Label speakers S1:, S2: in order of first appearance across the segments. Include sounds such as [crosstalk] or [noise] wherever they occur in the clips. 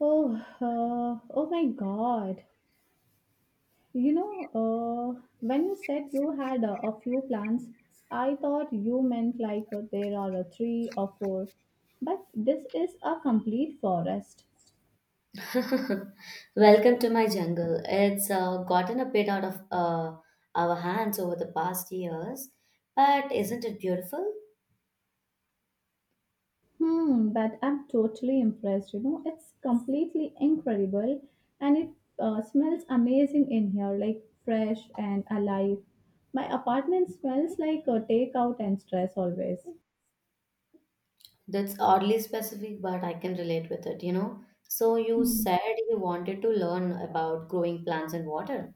S1: Oh, oh my God. When you said you had a few plants, I thought you meant like there are three or four. But this is a complete forest.
S2: [laughs] Welcome to my jungle. It's gotten a bit out of our hands over the past years, but isn't it beautiful?
S1: But I'm totally impressed. You know, it's completely incredible and it smells amazing in here, like fresh and alive. My apartment smells like a takeout and stress always.
S2: That's oddly specific, but I can relate with it, you know. So, you said you wanted to learn about growing plants and water.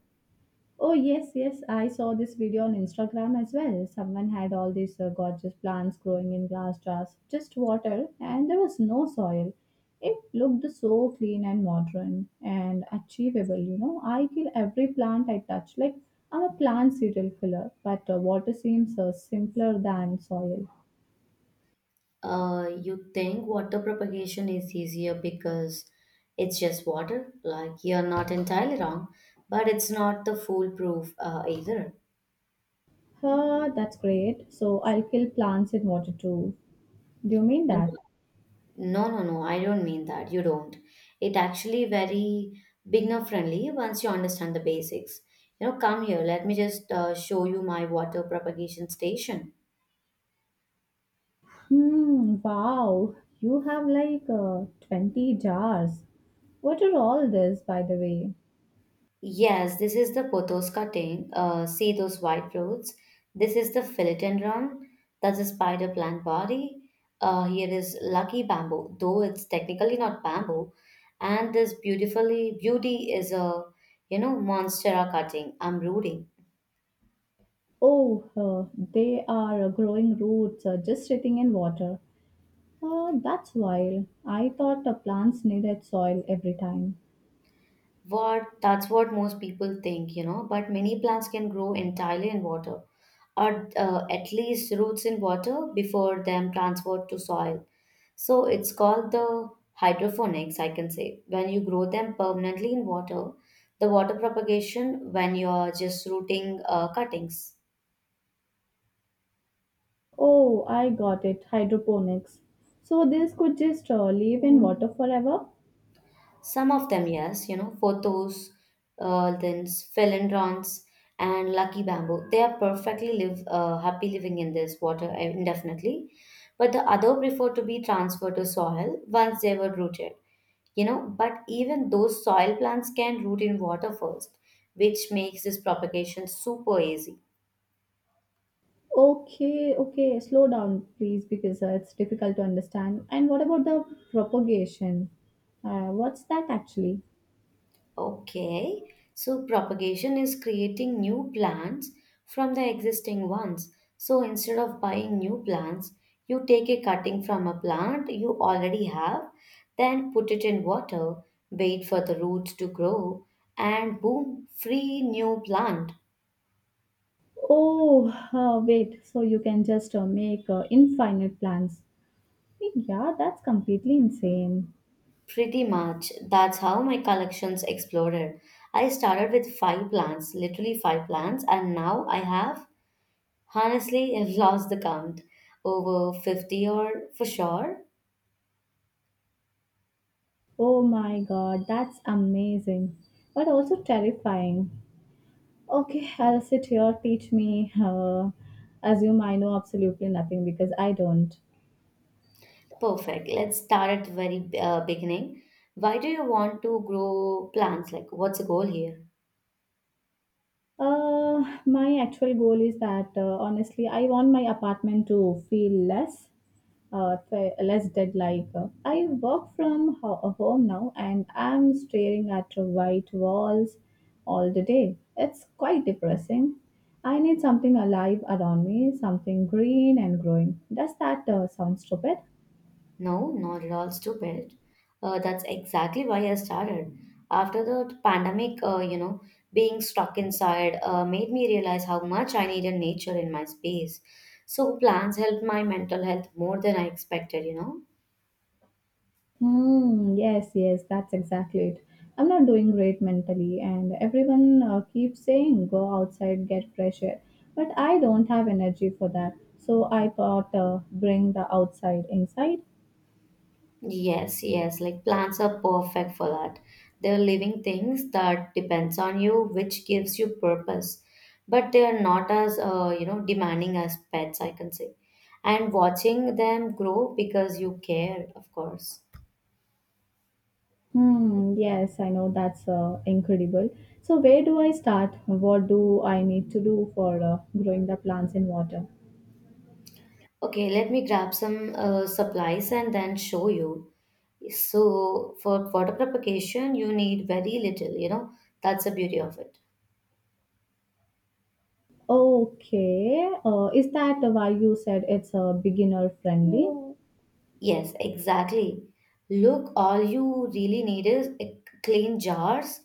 S1: Oh, yes, yes. I saw this video on Instagram as well. Someone had all these gorgeous plants growing in glass jars, just water, and there was no soil. It looked so clean and modern and achievable, you know. I kill every plant I touch. I'm a plant serial killer, but water seems simpler than soil.
S2: You think water propagation is easier because it's just water? Like, you're not entirely wrong, but it's not the foolproof either.
S1: Huh, that's great. So, I'll kill plants in water too. Do you mean that?
S2: No, no, no, I don't mean that. You don't. It actually very beginner friendly once you understand the basics. You know, come here, let me just show you my water propagation station.
S1: Hmm, wow, you have like 20 jars. What are all this, by the way?
S2: Yes, this is the pothos cutting. See those white roots? This is the philodendron. That's the spider plant body. Here is lucky bamboo, though it's technically not bamboo. And this beautifully beauty is a you know monstera cutting. I'm rooting.
S1: Oh, they are growing roots just sitting in water. That's wild. I thought the plants needed soil every time.
S2: What that's what most people think, you know, but many plants can grow entirely in water or at least roots in water before them transferred to soil. So it's called the hydroponics, I can say. When you grow them permanently in water, the water propagation when you're just rooting cuttings.
S1: Oh, I got it. Hydroponics. So this could just live in water forever?
S2: Some of them, yes, you know, photos, then philodendrons and lucky bamboo. They are perfectly live happy living in this water indefinitely, but the other prefer to be transferred to soil once they were rooted. You know, but even those soil plants can root in water first, which makes this propagation super easy.
S1: Okay, okay. Slow down, please, because it's difficult to understand. And what about the propagation? What's that actually?
S2: Okay, so propagation is creating new plants from the existing ones. So instead of buying new plants, you take a cutting from a plant you already have, then put it in water, wait for the roots to grow, and boom, free new plant.
S1: Oh, wait, so you can just make infinite plans. Yeah, that's completely insane.
S2: Pretty much, that's how my collections exploded. I started with five plants, literally five plants, and now I have honestly, I've lost the count. Over 50 or for sure.
S1: Oh my God, that's amazing, but also terrifying. Okay, I'll sit here, teach me, assume I know absolutely nothing because I don't.
S2: Perfect. Let's start at the very beginning. Why do you want to grow plants? Like, what's the goal here?
S1: My actual goal is that honestly, I want my apartment to feel less, less dead. Like I work from home now, and I'm staring at white walls all the day. It's quite depressing. I need something alive around me, something green and growing. Does that sound stupid?
S2: No, not at all stupid. That's exactly why I started. After the pandemic, you know, being stuck inside made me realize how much I needed nature in my space. So, plants helped my mental health more than I expected, you know.
S1: Hmm, yes, yes, that's exactly it. I'm not doing great mentally, and everyone keeps saying go outside, get fresh air. But I don't have energy for that. So I thought bring the outside inside.
S2: Yes, yes, like plants are perfect for that. They're living things that depends on you, which gives you purpose. But they are not as you know demanding as pets, I can say. And watching them grow because you care, of course.
S1: Yes, I know that's incredible. So where do I start? What do I need to do for growing the plants in water?
S2: Okay, let me grab some supplies and then show you. So for water propagation, you need very little, you know. That's the beauty of it.
S1: Okay, is that why you said it's beginner friendly?
S2: Yes, exactly. Look, all you really need is a clean jars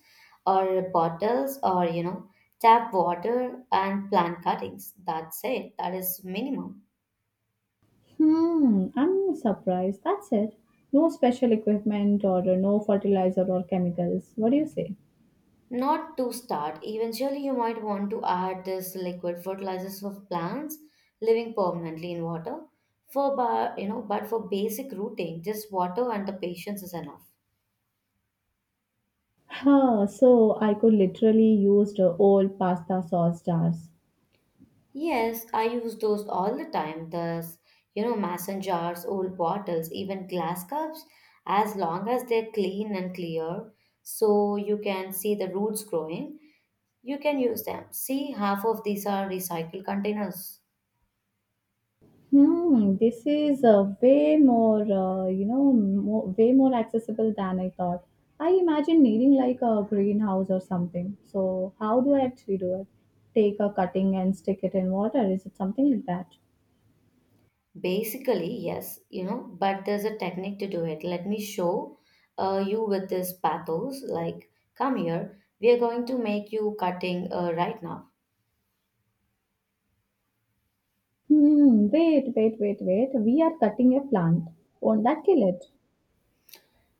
S2: or bottles or, you know, tap water and plant cuttings. That's it. That is minimum.
S1: Hmm, I'm surprised. That's it. No special equipment or no fertilizer or chemicals. What do you say?
S2: Not to start. Eventually, you might want to add this liquid fertilizers for plants living permanently in water. For, you know, but for basic rooting, just water and the patience is enough.
S1: Huh, so I could literally use the old pasta sauce jars.
S2: Yes, I use those all the time. Thus, you know, mason jars, old bottles, even glass cups, as long as they're clean and clear, so you can see the roots growing, you can use them. See, half of these are recycled containers.
S1: This is way more, you know, more, way more accessible than I thought. I imagine needing like a greenhouse or something. So how do I actually do it? Take a cutting and stick it in water. Is it something like that?
S2: Basically, yes, you know, but there's a technique to do it. Let me show you with this pathos. Like, come here, we are going to make you cutting right now.
S1: Hmm, wait. We are cutting a plant. Won't that kill it?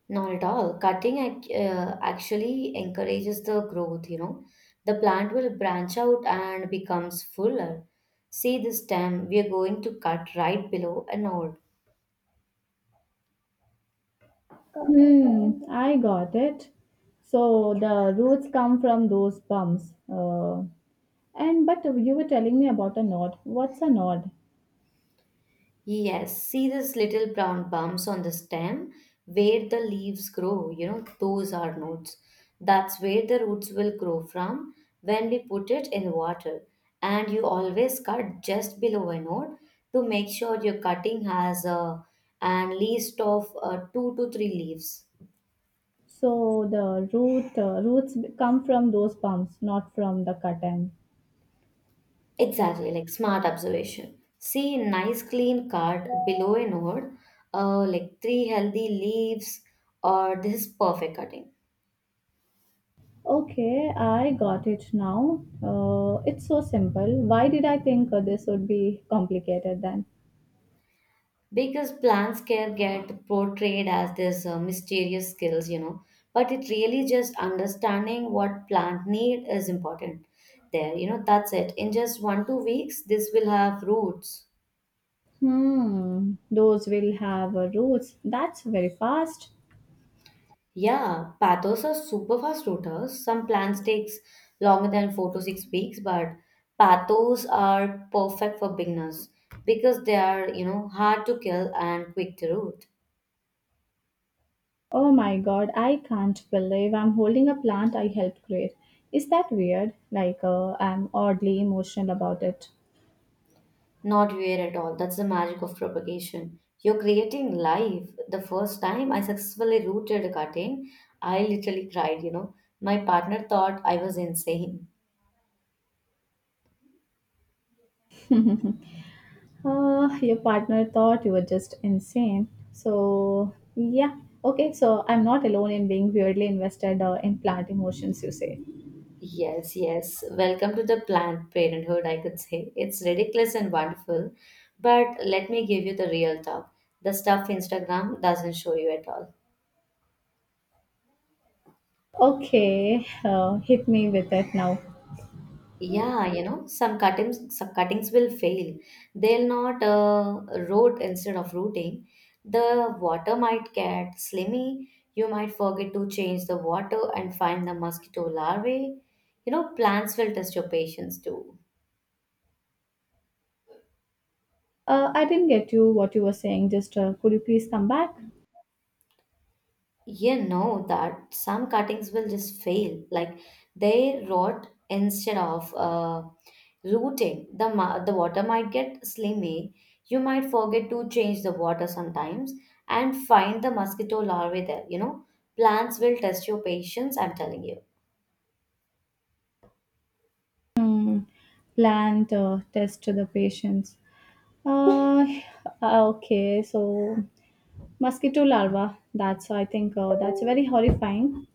S2: Not at all. Cutting actually encourages the growth, you know. The plant will branch out and becomes fuller. See this stem, we are going to cut right below and all.
S1: Hmm, I got it. So the roots come from those bumps. And but you were telling me about a nod. What's a nod?
S2: Yes, see these little brown bumps on the stem where the leaves grow, you know, those are nodes. That's where the roots will grow from when we put it in water. And you always cut just below a node to make sure your cutting has a and least of two to three leaves.
S1: So the roots come from those bumps, not from the cut end.
S2: Exactly, like smart observation. See, nice clean card below a node, like three healthy leaves, or this is perfect cutting.
S1: Okay, I got it now. It's so simple. Why did I think this would be complicated then?
S2: Because plants care get portrayed as this mysterious skills, you know, but it really just understanding what plant need is important there, you know, that's it. In just 1 2 weeks this will have roots.
S1: Hmm, those will have roots. That's very fast.
S2: Yeah, pathos are super fast rooters, some plants takes longer than 4 to 6 weeks, but pathos are perfect for beginners because they are you know hard to kill and quick to root.
S1: Oh my God, I can't believe I'm holding a plant I helped create. Is that weird? I'm oddly emotional about it.
S2: Not weird at all. That's the magic of propagation. You're creating life. The first time I successfully rooted a cutting, I literally cried, you know. My partner thought I was insane.
S1: [laughs] Your partner thought you were just insane. So, yeah. Okay, so I'm not alone in being weirdly invested in plant emotions, you say.
S2: Yes, yes. Welcome to the planned parenthood, I could say. It's ridiculous and wonderful. But let me give you the real talk. The stuff Instagram doesn't show you at all.
S1: Okay, hit me with it now.
S2: Yeah, you know, some cuttings will fail. They'll not root instead of rooting. The water might get slimy. You might forget to change the water and find the mosquito larvae. You know, plants will test your patience too.
S1: I didn't get you what you were saying. Just could you please come back?
S2: You know that some cuttings will just fail, like they rot instead of rooting. The water might get slimy. You might forget to change the water sometimes and find the mosquito larvae there. You know, plants will test your patience. I'm telling you.
S1: Mm, plant test to the patients. Uh, ah, okay, so mosquito larva. That's I think that's very horrifying.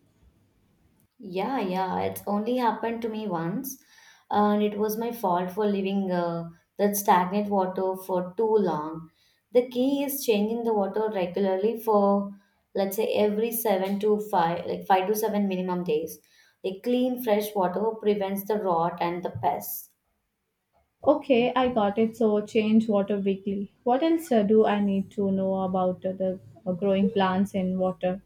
S2: Yeah, yeah, it's only happened to me once, and it was my fault for leaving that stagnant water for too long. The key is changing the water regularly for, let's say, every seven to five, like five to seven minimum days. Like clean, fresh water prevents the rot and the pests.
S1: Okay, I got it. So change water weekly. What else do I need to know about the growing plants in water?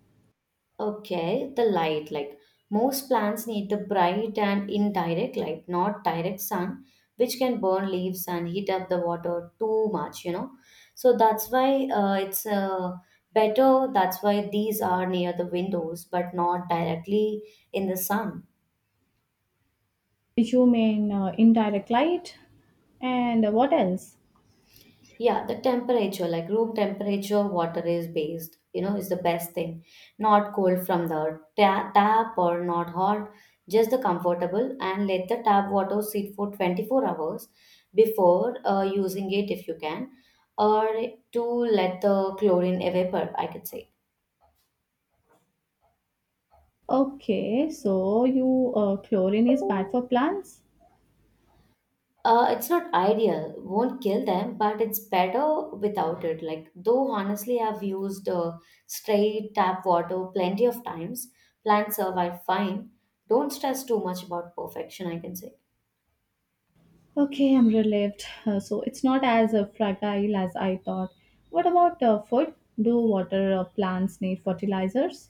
S2: Okay, the light. Like most plants need the bright and indirect light, not direct sun, which can burn leaves and heat up the water too much, you know. So that's why it's better. That's why these are near the windows, but not directly in the sun.
S1: You mean indirect light? And what else?
S2: Yeah, the temperature, like room temperature water is based, you know, is the best thing. Not cold from the tap or not hot, just the comfortable and let the tap water sit for 24 hours before using it if you can, or to let the chlorine evaporate. I could say.
S1: Okay, so you chlorine is bad for plants.
S2: It's not ideal, won't kill them, but it's better without it. Like, though honestly, I've used straight tap water plenty of times. Plants survive fine. Don't stress too much about perfection, I can say.
S1: Okay, I'm relieved. So it's not as fragile as I thought. What about food? Do water plants need fertilizers?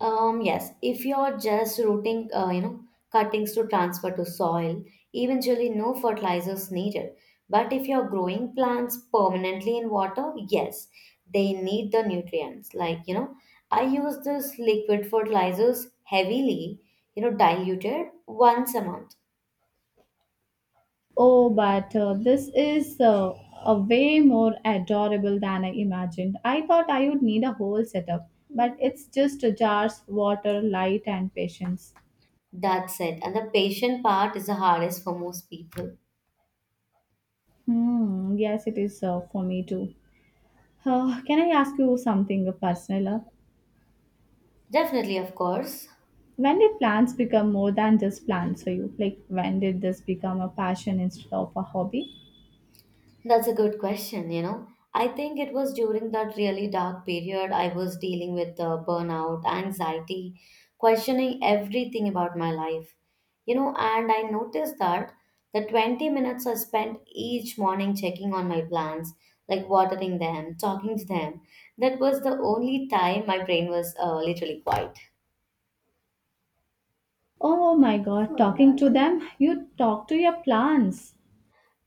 S2: Yes, if you're just rooting, you know, cuttings to transfer to soil, eventually no fertilizers needed. But if you're growing plants permanently in water, yes, they need the nutrients. Like, you know, I use this liquid fertilizers heavily, you know, diluted once a month.
S1: Oh, but this is a way more adorable than I imagined. I thought I would need a whole setup, but it's just jars, water, light, and patience.
S2: That's it. And the patient part is the hardest for most people.
S1: Hmm, yes, it is for me too. Can I ask you something personal?
S2: Definitely, of course.
S1: When did plants become more than just plants for you? Like, when did this become a passion instead of a hobby?
S2: That's a good question, you know. I think it was during that really dark period I was dealing with burnout, anxiety, questioning everything about my life. You know, and I noticed that the 20 minutes I spent each morning checking on my plants, like watering them, talking to them, that was the only time my brain was literally quiet.
S1: Oh my God, talking to them? You talk to your plants.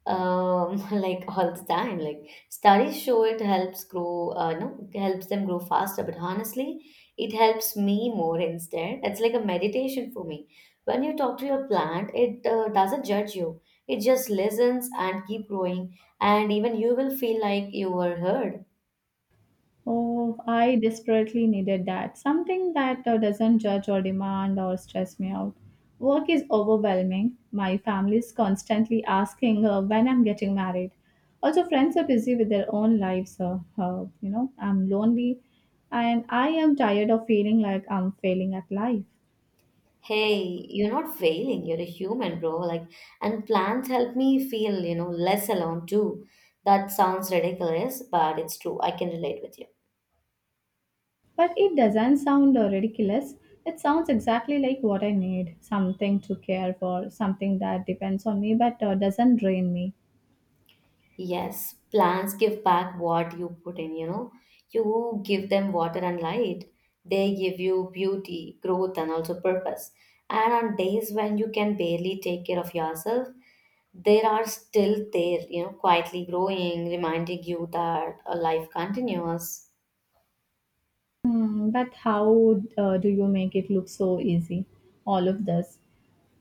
S2: [laughs] like all the time, like studies show it helps grow no helps them grow faster, but honestly it helps me more instead. It's like a meditation for me. When you talk to your plant it doesn't judge you, it just listens and keep growing, and even you will feel like you were heard.
S1: Oh, I desperately needed that. Something that doesn't judge or demand or stress me out. Work is overwhelming. My family is constantly asking when I'm getting married. Also, friends are busy with their own lives. I'm lonely and I am tired of feeling like I'm failing at life.
S2: Hey, you're not failing, you're a human, bro. Like, and plants help me feel you know less alone too. That sounds ridiculous but it's true, I can relate with you.
S1: But it doesn't sound ridiculous. It sounds exactly like what I need, something to care for, something that depends on me but doesn't drain me.
S2: Yes, plants give back what you put in, you know. You give them water and light. They give you beauty, growth, and also purpose. And on days when you can barely take care of yourself, they are still there, you know, quietly growing, reminding you that a life continues.
S1: Hmm, but how do you make it look so easy? All of this.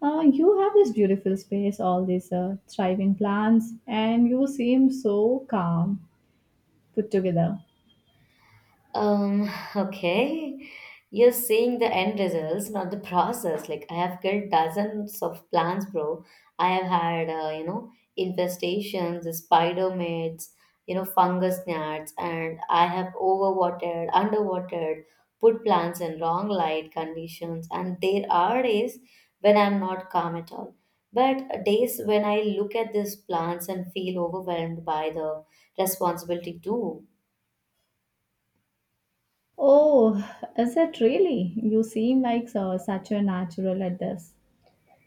S1: You have this beautiful space, all these thriving plants, and you seem so calm put together.
S2: Um, [laughs] okay. You're seeing the end results, not the process. Like I have killed dozens of plants, bro. I have had, you know, infestations, the spider mites, you know, fungus gnats, and I have overwatered, underwatered, put plants in wrong light conditions. And there are days when I'm not calm at all. But days when I look at these plants and feel overwhelmed by the responsibility too.
S1: Oh, is it really? You seem like such a natural at this.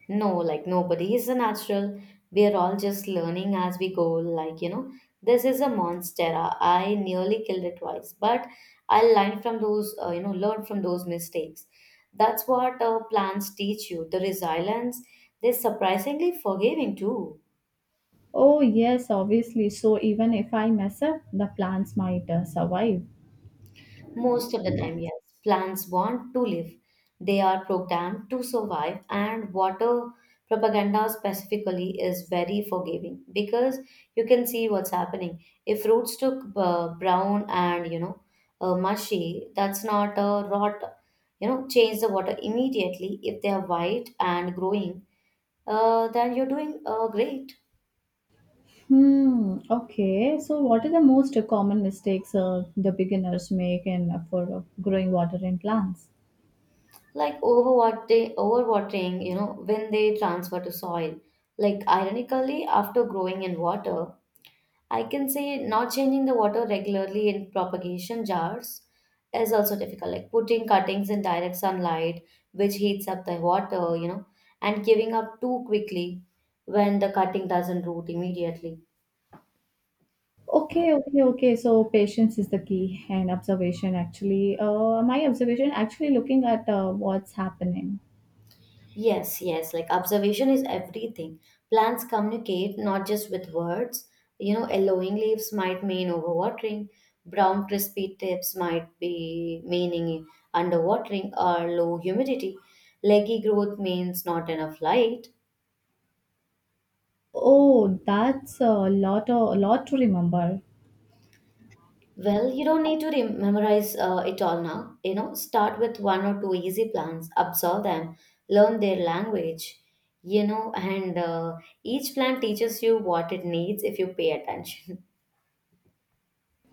S2: No, like nobody is a natural. We are all just learning as we go. Like, you know, this is a monstera. I nearly killed it twice, but I learned from those, learn from those mistakes. That's what plants teach you. The resilience, they're surprisingly forgiving too.
S1: Oh, yes, obviously. So even if I mess up, the plants might survive.
S2: Most of the time, yes. Plants want to live. They are programmed to survive, and water propaganda specifically is very forgiving because you can see what's happening. If roots took brown and mushy, that's not a rot. You know, change the water immediately. If they are white and growing, then you're doing great.
S1: Hmm. Okay. So what are the most common mistakes the beginners make in for growing water in plants?
S2: Like overwatering you know, when they transfer to soil, like ironically after growing in water, I can say. Not changing the water regularly in propagation jars is also difficult, like putting cuttings in direct sunlight, which heats up the water, you know, and giving up too quickly when the cutting doesn't root immediately.
S1: Okay, okay, okay. So patience is the key and observation actually. My observation actually looking at what's happening.
S2: Yes, yes, like observation is everything. Plants communicate not just with words. You know, yellowing leaves might mean overwatering, brown crispy tips might be meaning underwatering or low humidity. Leggy growth means not enough light.
S1: Oh, that's a lot to remember.
S2: Well, you don't need to memorize it all now. You know, start with one or two easy plants, absorb them, learn their language, you know, and each plant teaches you what it needs if you pay attention.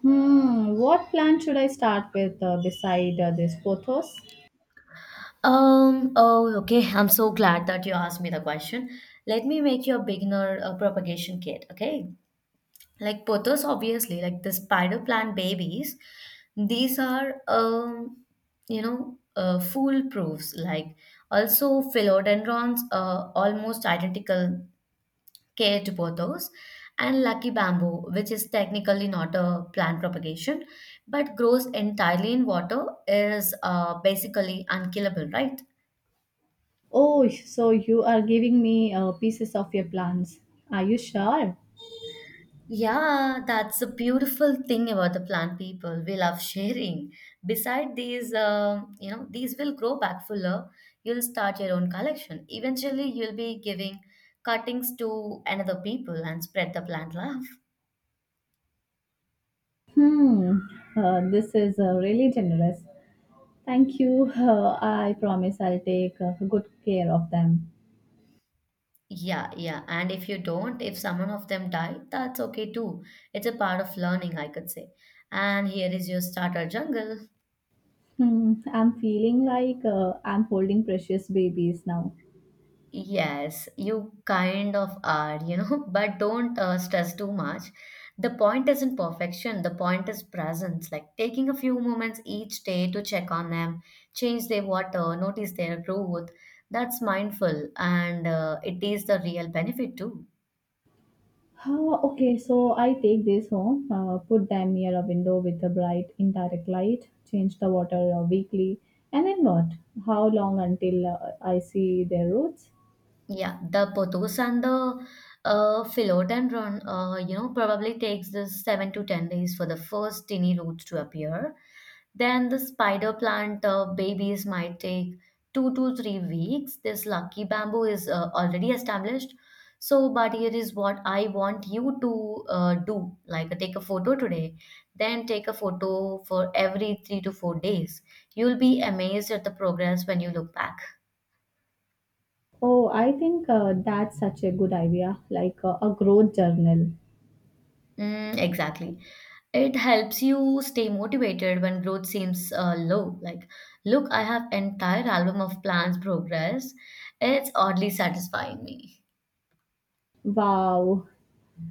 S1: Hmm. What plant should I start with beside this pothos?
S2: Oh, okay. I'm so glad that you asked me the question. Let me make you a beginner propagation kit, okay? Like pothos, obviously, like the spider plant babies. These are, foolproofs. Like also philodendrons, almost identical care to pothos, and lucky bamboo, which is technically not a plant propagation, but grows entirely in water, is basically unkillable, right?
S1: Oh, so you are giving me pieces of your plans. Are you sure?
S2: Yeah, that's a beautiful thing about the plant people. We love sharing. Beside these, these will grow back fuller. You'll start your own collection. Eventually, you'll be giving cuttings to another people and spread the plant love.
S1: Hmm, this is really generous. Thank you. I promise I'll take good care of them.
S2: Yeah, yeah. And if you don't, if someone of them die, that's okay too. It's a part of learning, I could say. And here is your starter jungle.
S1: Hmm, I'm feeling like I'm holding precious babies now.
S2: Yes, you kind of are, you know, [laughs] but don't stress too much. The point isn't perfection, the point is presence, like taking a few moments each day to check on them, change their water, notice their growth. That's mindful and it is the real benefit too.
S1: Oh, okay, so I take this home, put them near a window with a bright indirect light, change the water weekly, and then what? How long until I see their roots?
S2: Yeah, the pothos and the Philodendron, run, probably takes this 7 to 10 days for the first tiny roots to appear. Then the spider plant babies might take 2 to 3 weeks. This lucky bamboo is already established. So, but here is what I want you to do, like take a photo today, then take a photo for every 3 to 4 days. You'll be amazed at the progress when you look back.
S1: Oh, I think that's such a good idea, like a growth journal.
S2: Mm, exactly. It helps you stay motivated when growth seems low. Like, look, I have entire album of plans progress. It's oddly satisfying me.
S1: Wow,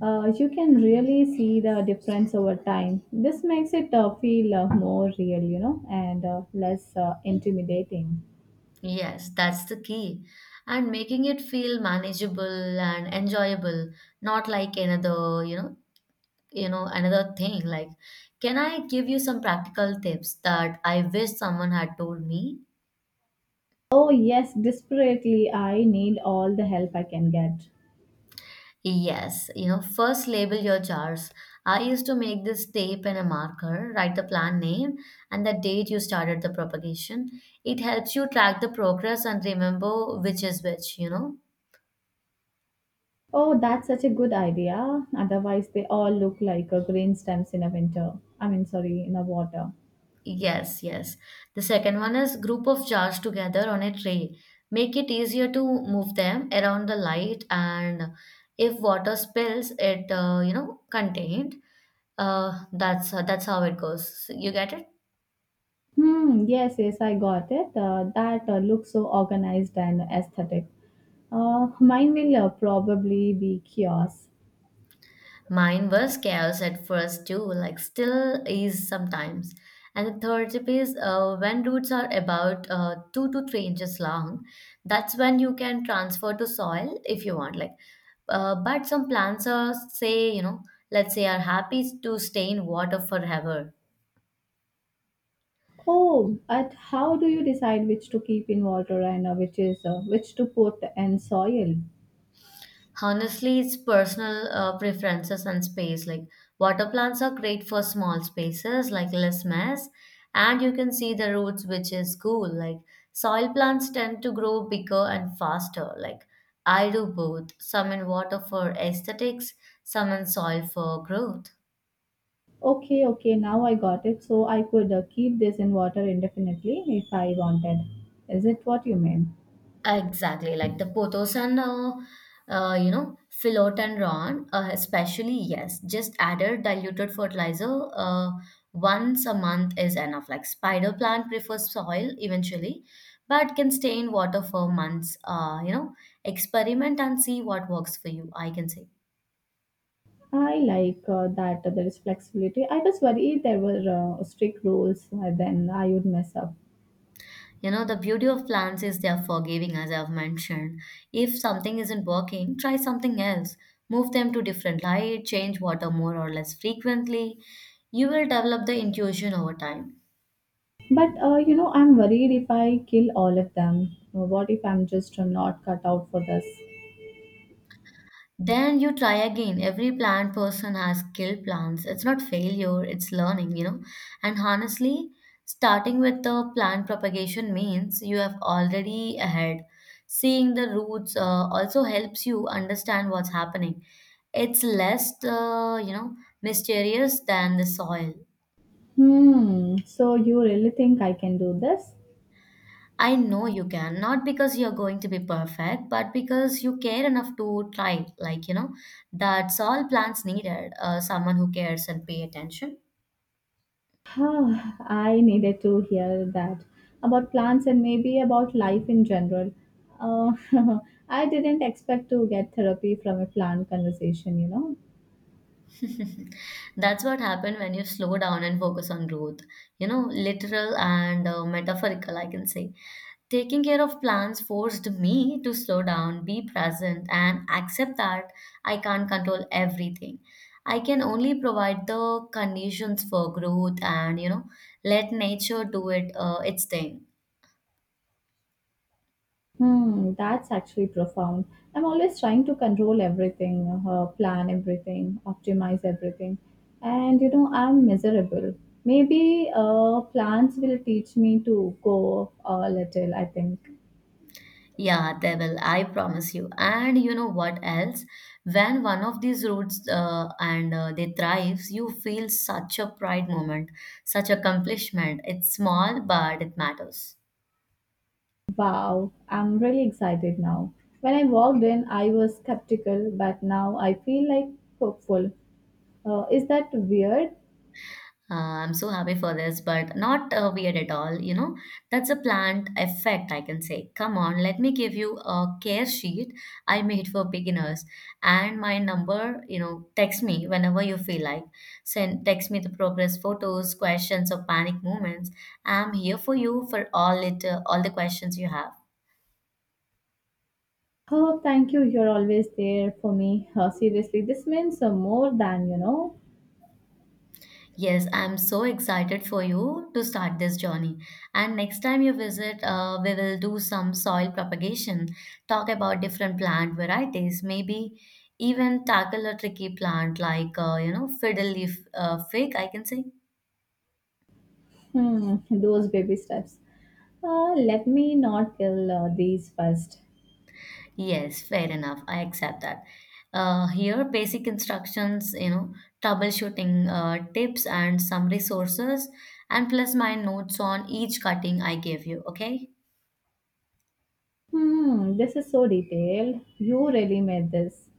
S1: you can really see the difference over time. This makes it feel more real, you know, and less intimidating.
S2: Yes, that's the key. And making it feel manageable and enjoyable, not like another, you know, another thing. Like, can I give you some practical tips that I wish someone had told me?
S1: Oh, yes, desperately, I need all the help I can get.
S2: Yes, you know, first label your jars. I used to make this tape and a marker, write the plant name and the date you started the propagation. It helps you track the progress and remember which is which, you know.
S1: Oh, that's such a good idea. Otherwise, they all look like green stems in a winter. I mean, sorry, in a water.
S2: Yes, yes. The second one is group of jars together on a tray. Make it easier to move them around the light, and if water spills, it contained. That's how it goes. You get it?
S1: Hmm, yes, yes, I got it. That looks so organized and aesthetic. Mine will probably be chaos.
S2: Mine was chaos at first too, like still is sometimes. And the third tip is when roots are about 2 to 3 inches long, that's when you can transfer to soil if you want. Like, but some plants are say you know, let's say are happy to stay in water forever.
S1: Oh, but how do you decide which to keep in water and which to put in soil?
S2: Honestly, it's personal preferences and space. Like water plants are great for small spaces, like less mess, and you can see the roots, which is cool. Like soil plants tend to grow bigger and faster. Like I do both, some in water for aesthetics, some in soil for growth.
S1: Okay, okay, now I got it. So I could keep this in water indefinitely if I wanted. Is it what you mean?
S2: Exactly, like the Pothos and you know, Philot and Ron, especially, yes, just added diluted fertilizer once a month is enough. Like spider plant prefers soil eventually, but can stay in water for months. You know, experiment and see what works for you, I can say.
S1: I like that there is flexibility. I was worried there were strict rules, then I would mess up.
S2: You know, the beauty of plants is they are forgiving, as I've mentioned. If something isn't working, try something else. Move them to different light, change water more or less frequently. You will develop the intuition over time.
S1: But I'm worried if I kill all of them. What if I'm just not cut out for this?
S2: Then you try again. Every plant person has killed plants. It's not failure, it's learning, you know. And honestly, starting with the plant propagation means you have already ahead. Seeing the roots also helps you understand what's happening. It's less, mysterious than the soil.
S1: Hmm. So you really think I can do this?
S2: I know you can, not because you're going to be perfect, but because you care enough to try. Like, you know, that's all plants needed, someone who cares and pay attention.
S1: [sighs] Ah, I needed to hear that about plants and maybe about life in general. Uh, [laughs] I didn't expect to get therapy from a plant conversation, you know.
S2: [laughs] That's what happened when you slow down and focus on growth. You know, literal and metaphorical, I can say. Taking care of plants forced me to slow down, be present, and accept that I can't control everything. I can only provide the conditions for growth and, you know, let nature do it its thing.
S1: Hmm, that's actually profound. I'm always trying to control everything, plan everything, optimize everything. And you know, I'm miserable. Maybe plants will teach me to go a little, I think.
S2: Yeah, they will. I promise you. And you know what else? When one of these roots and they thrives, you feel such a pride moment, such accomplishment. It's small, but it matters.
S1: Wow, I'm really excited now. When I walked in, I was skeptical, but now I feel like hopeful. Is that weird?
S2: Uh, I'm so happy for this, but not weird at all. You know, that's a planned effect, I can say. Come on, let me give you a care sheet I made for beginners. And my number, you know, text me whenever you feel like. Send text me the progress photos, questions, or panic moments. I'm here for you for all it, all the questions you have.
S1: Oh, thank you. You're always there for me. Seriously, this means more than you know.
S2: Yes, I'm so excited for you to start this journey. And next time you visit, we will do some soil propagation, talk about different plant varieties, maybe even tackle a tricky plant like, fiddle leaf fig, I can say.
S1: Hmm, those baby steps. Let me not kill these first.
S2: Yes, fair enough. I accept that. Here, basic instructions, you know, troubleshooting tips and some resources, and plus my notes on each cutting I gave you, okay?
S1: Hmm, this is so detailed. You really made this.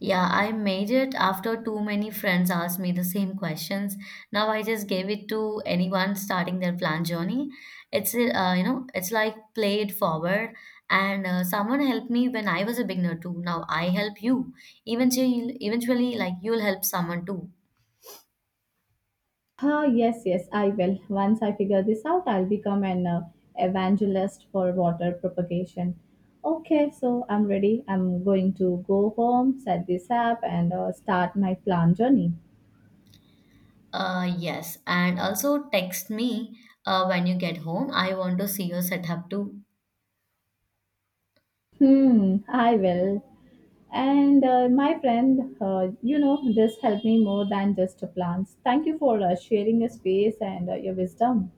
S2: Yeah, I made it after too many friends asked me the same questions. Now I just gave it to anyone starting their plan journey. It's it's like play it forward, and someone helped me when I was a beginner too. Now I help you. Eventually, like you'll help someone too.
S1: Ah, yes, yes, I will. Once I figure this out, I'll become an evangelist for water propagation. Okay, so I'm ready. I'm going to go home, set this up, and start my plan journey.
S2: Yes, and also text me when you get home. I want to see your setup too.
S1: Hmm, I will. And my friend, this helped me more than just plants. Thank you for sharing your space and your wisdom.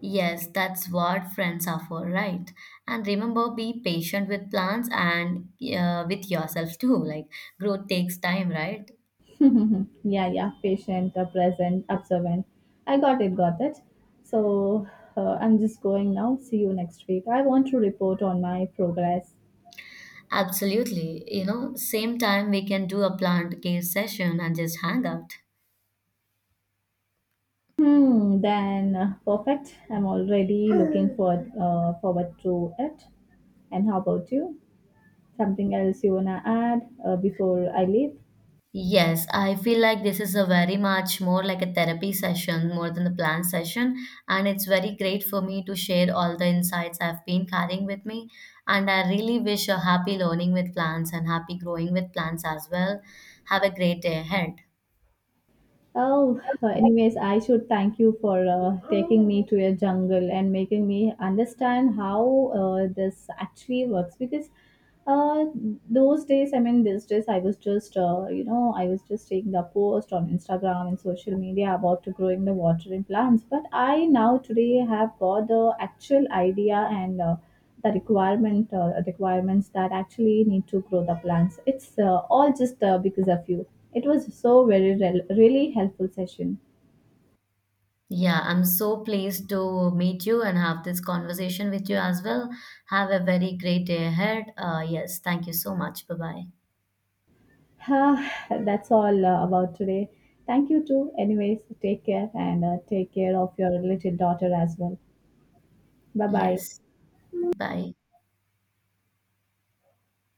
S2: Yes, that's what friends are for, right? And remember, be patient with plants and with yourself too. [laughs] Like, growth takes time, right?
S1: [laughs] yeah, yeah, patient, present, observant. I got it. So I'm just going now. See you next week. I want to report on my progress.
S2: Absolutely. You know, same time we can do a plant care session and just hang out.
S1: Then perfect. I'm already looking forward to it. And how about you? Something else you wanna add before I leave?
S2: Yes, I feel like this is a very much more like a therapy session more than a planned session. And it's very great for me to share all the insights I've been carrying with me. And I really wish a happy learning with plants and happy growing with plants as well. Have a great day ahead.
S1: Oh, anyways, I should thank you for taking me to your jungle and making me understand how this actually works because uh, those days, I mean, these days, I was just, I was just taking the post on Instagram and social media about to growing the watering plants. But I now today have got the actual idea and the requirements that actually need to grow the plants. It's all just because of you. It was so very rel really helpful session. [sighs]
S2: Yeah, I'm so pleased to meet you and have this conversation with you as well. Have a very great day ahead. Yes, thank you so much. Bye bye.
S1: Ah, that's all about today. Thank you too. Anyways, take care and take care of your little daughter as well. Bye bye.
S2: Yes, bye.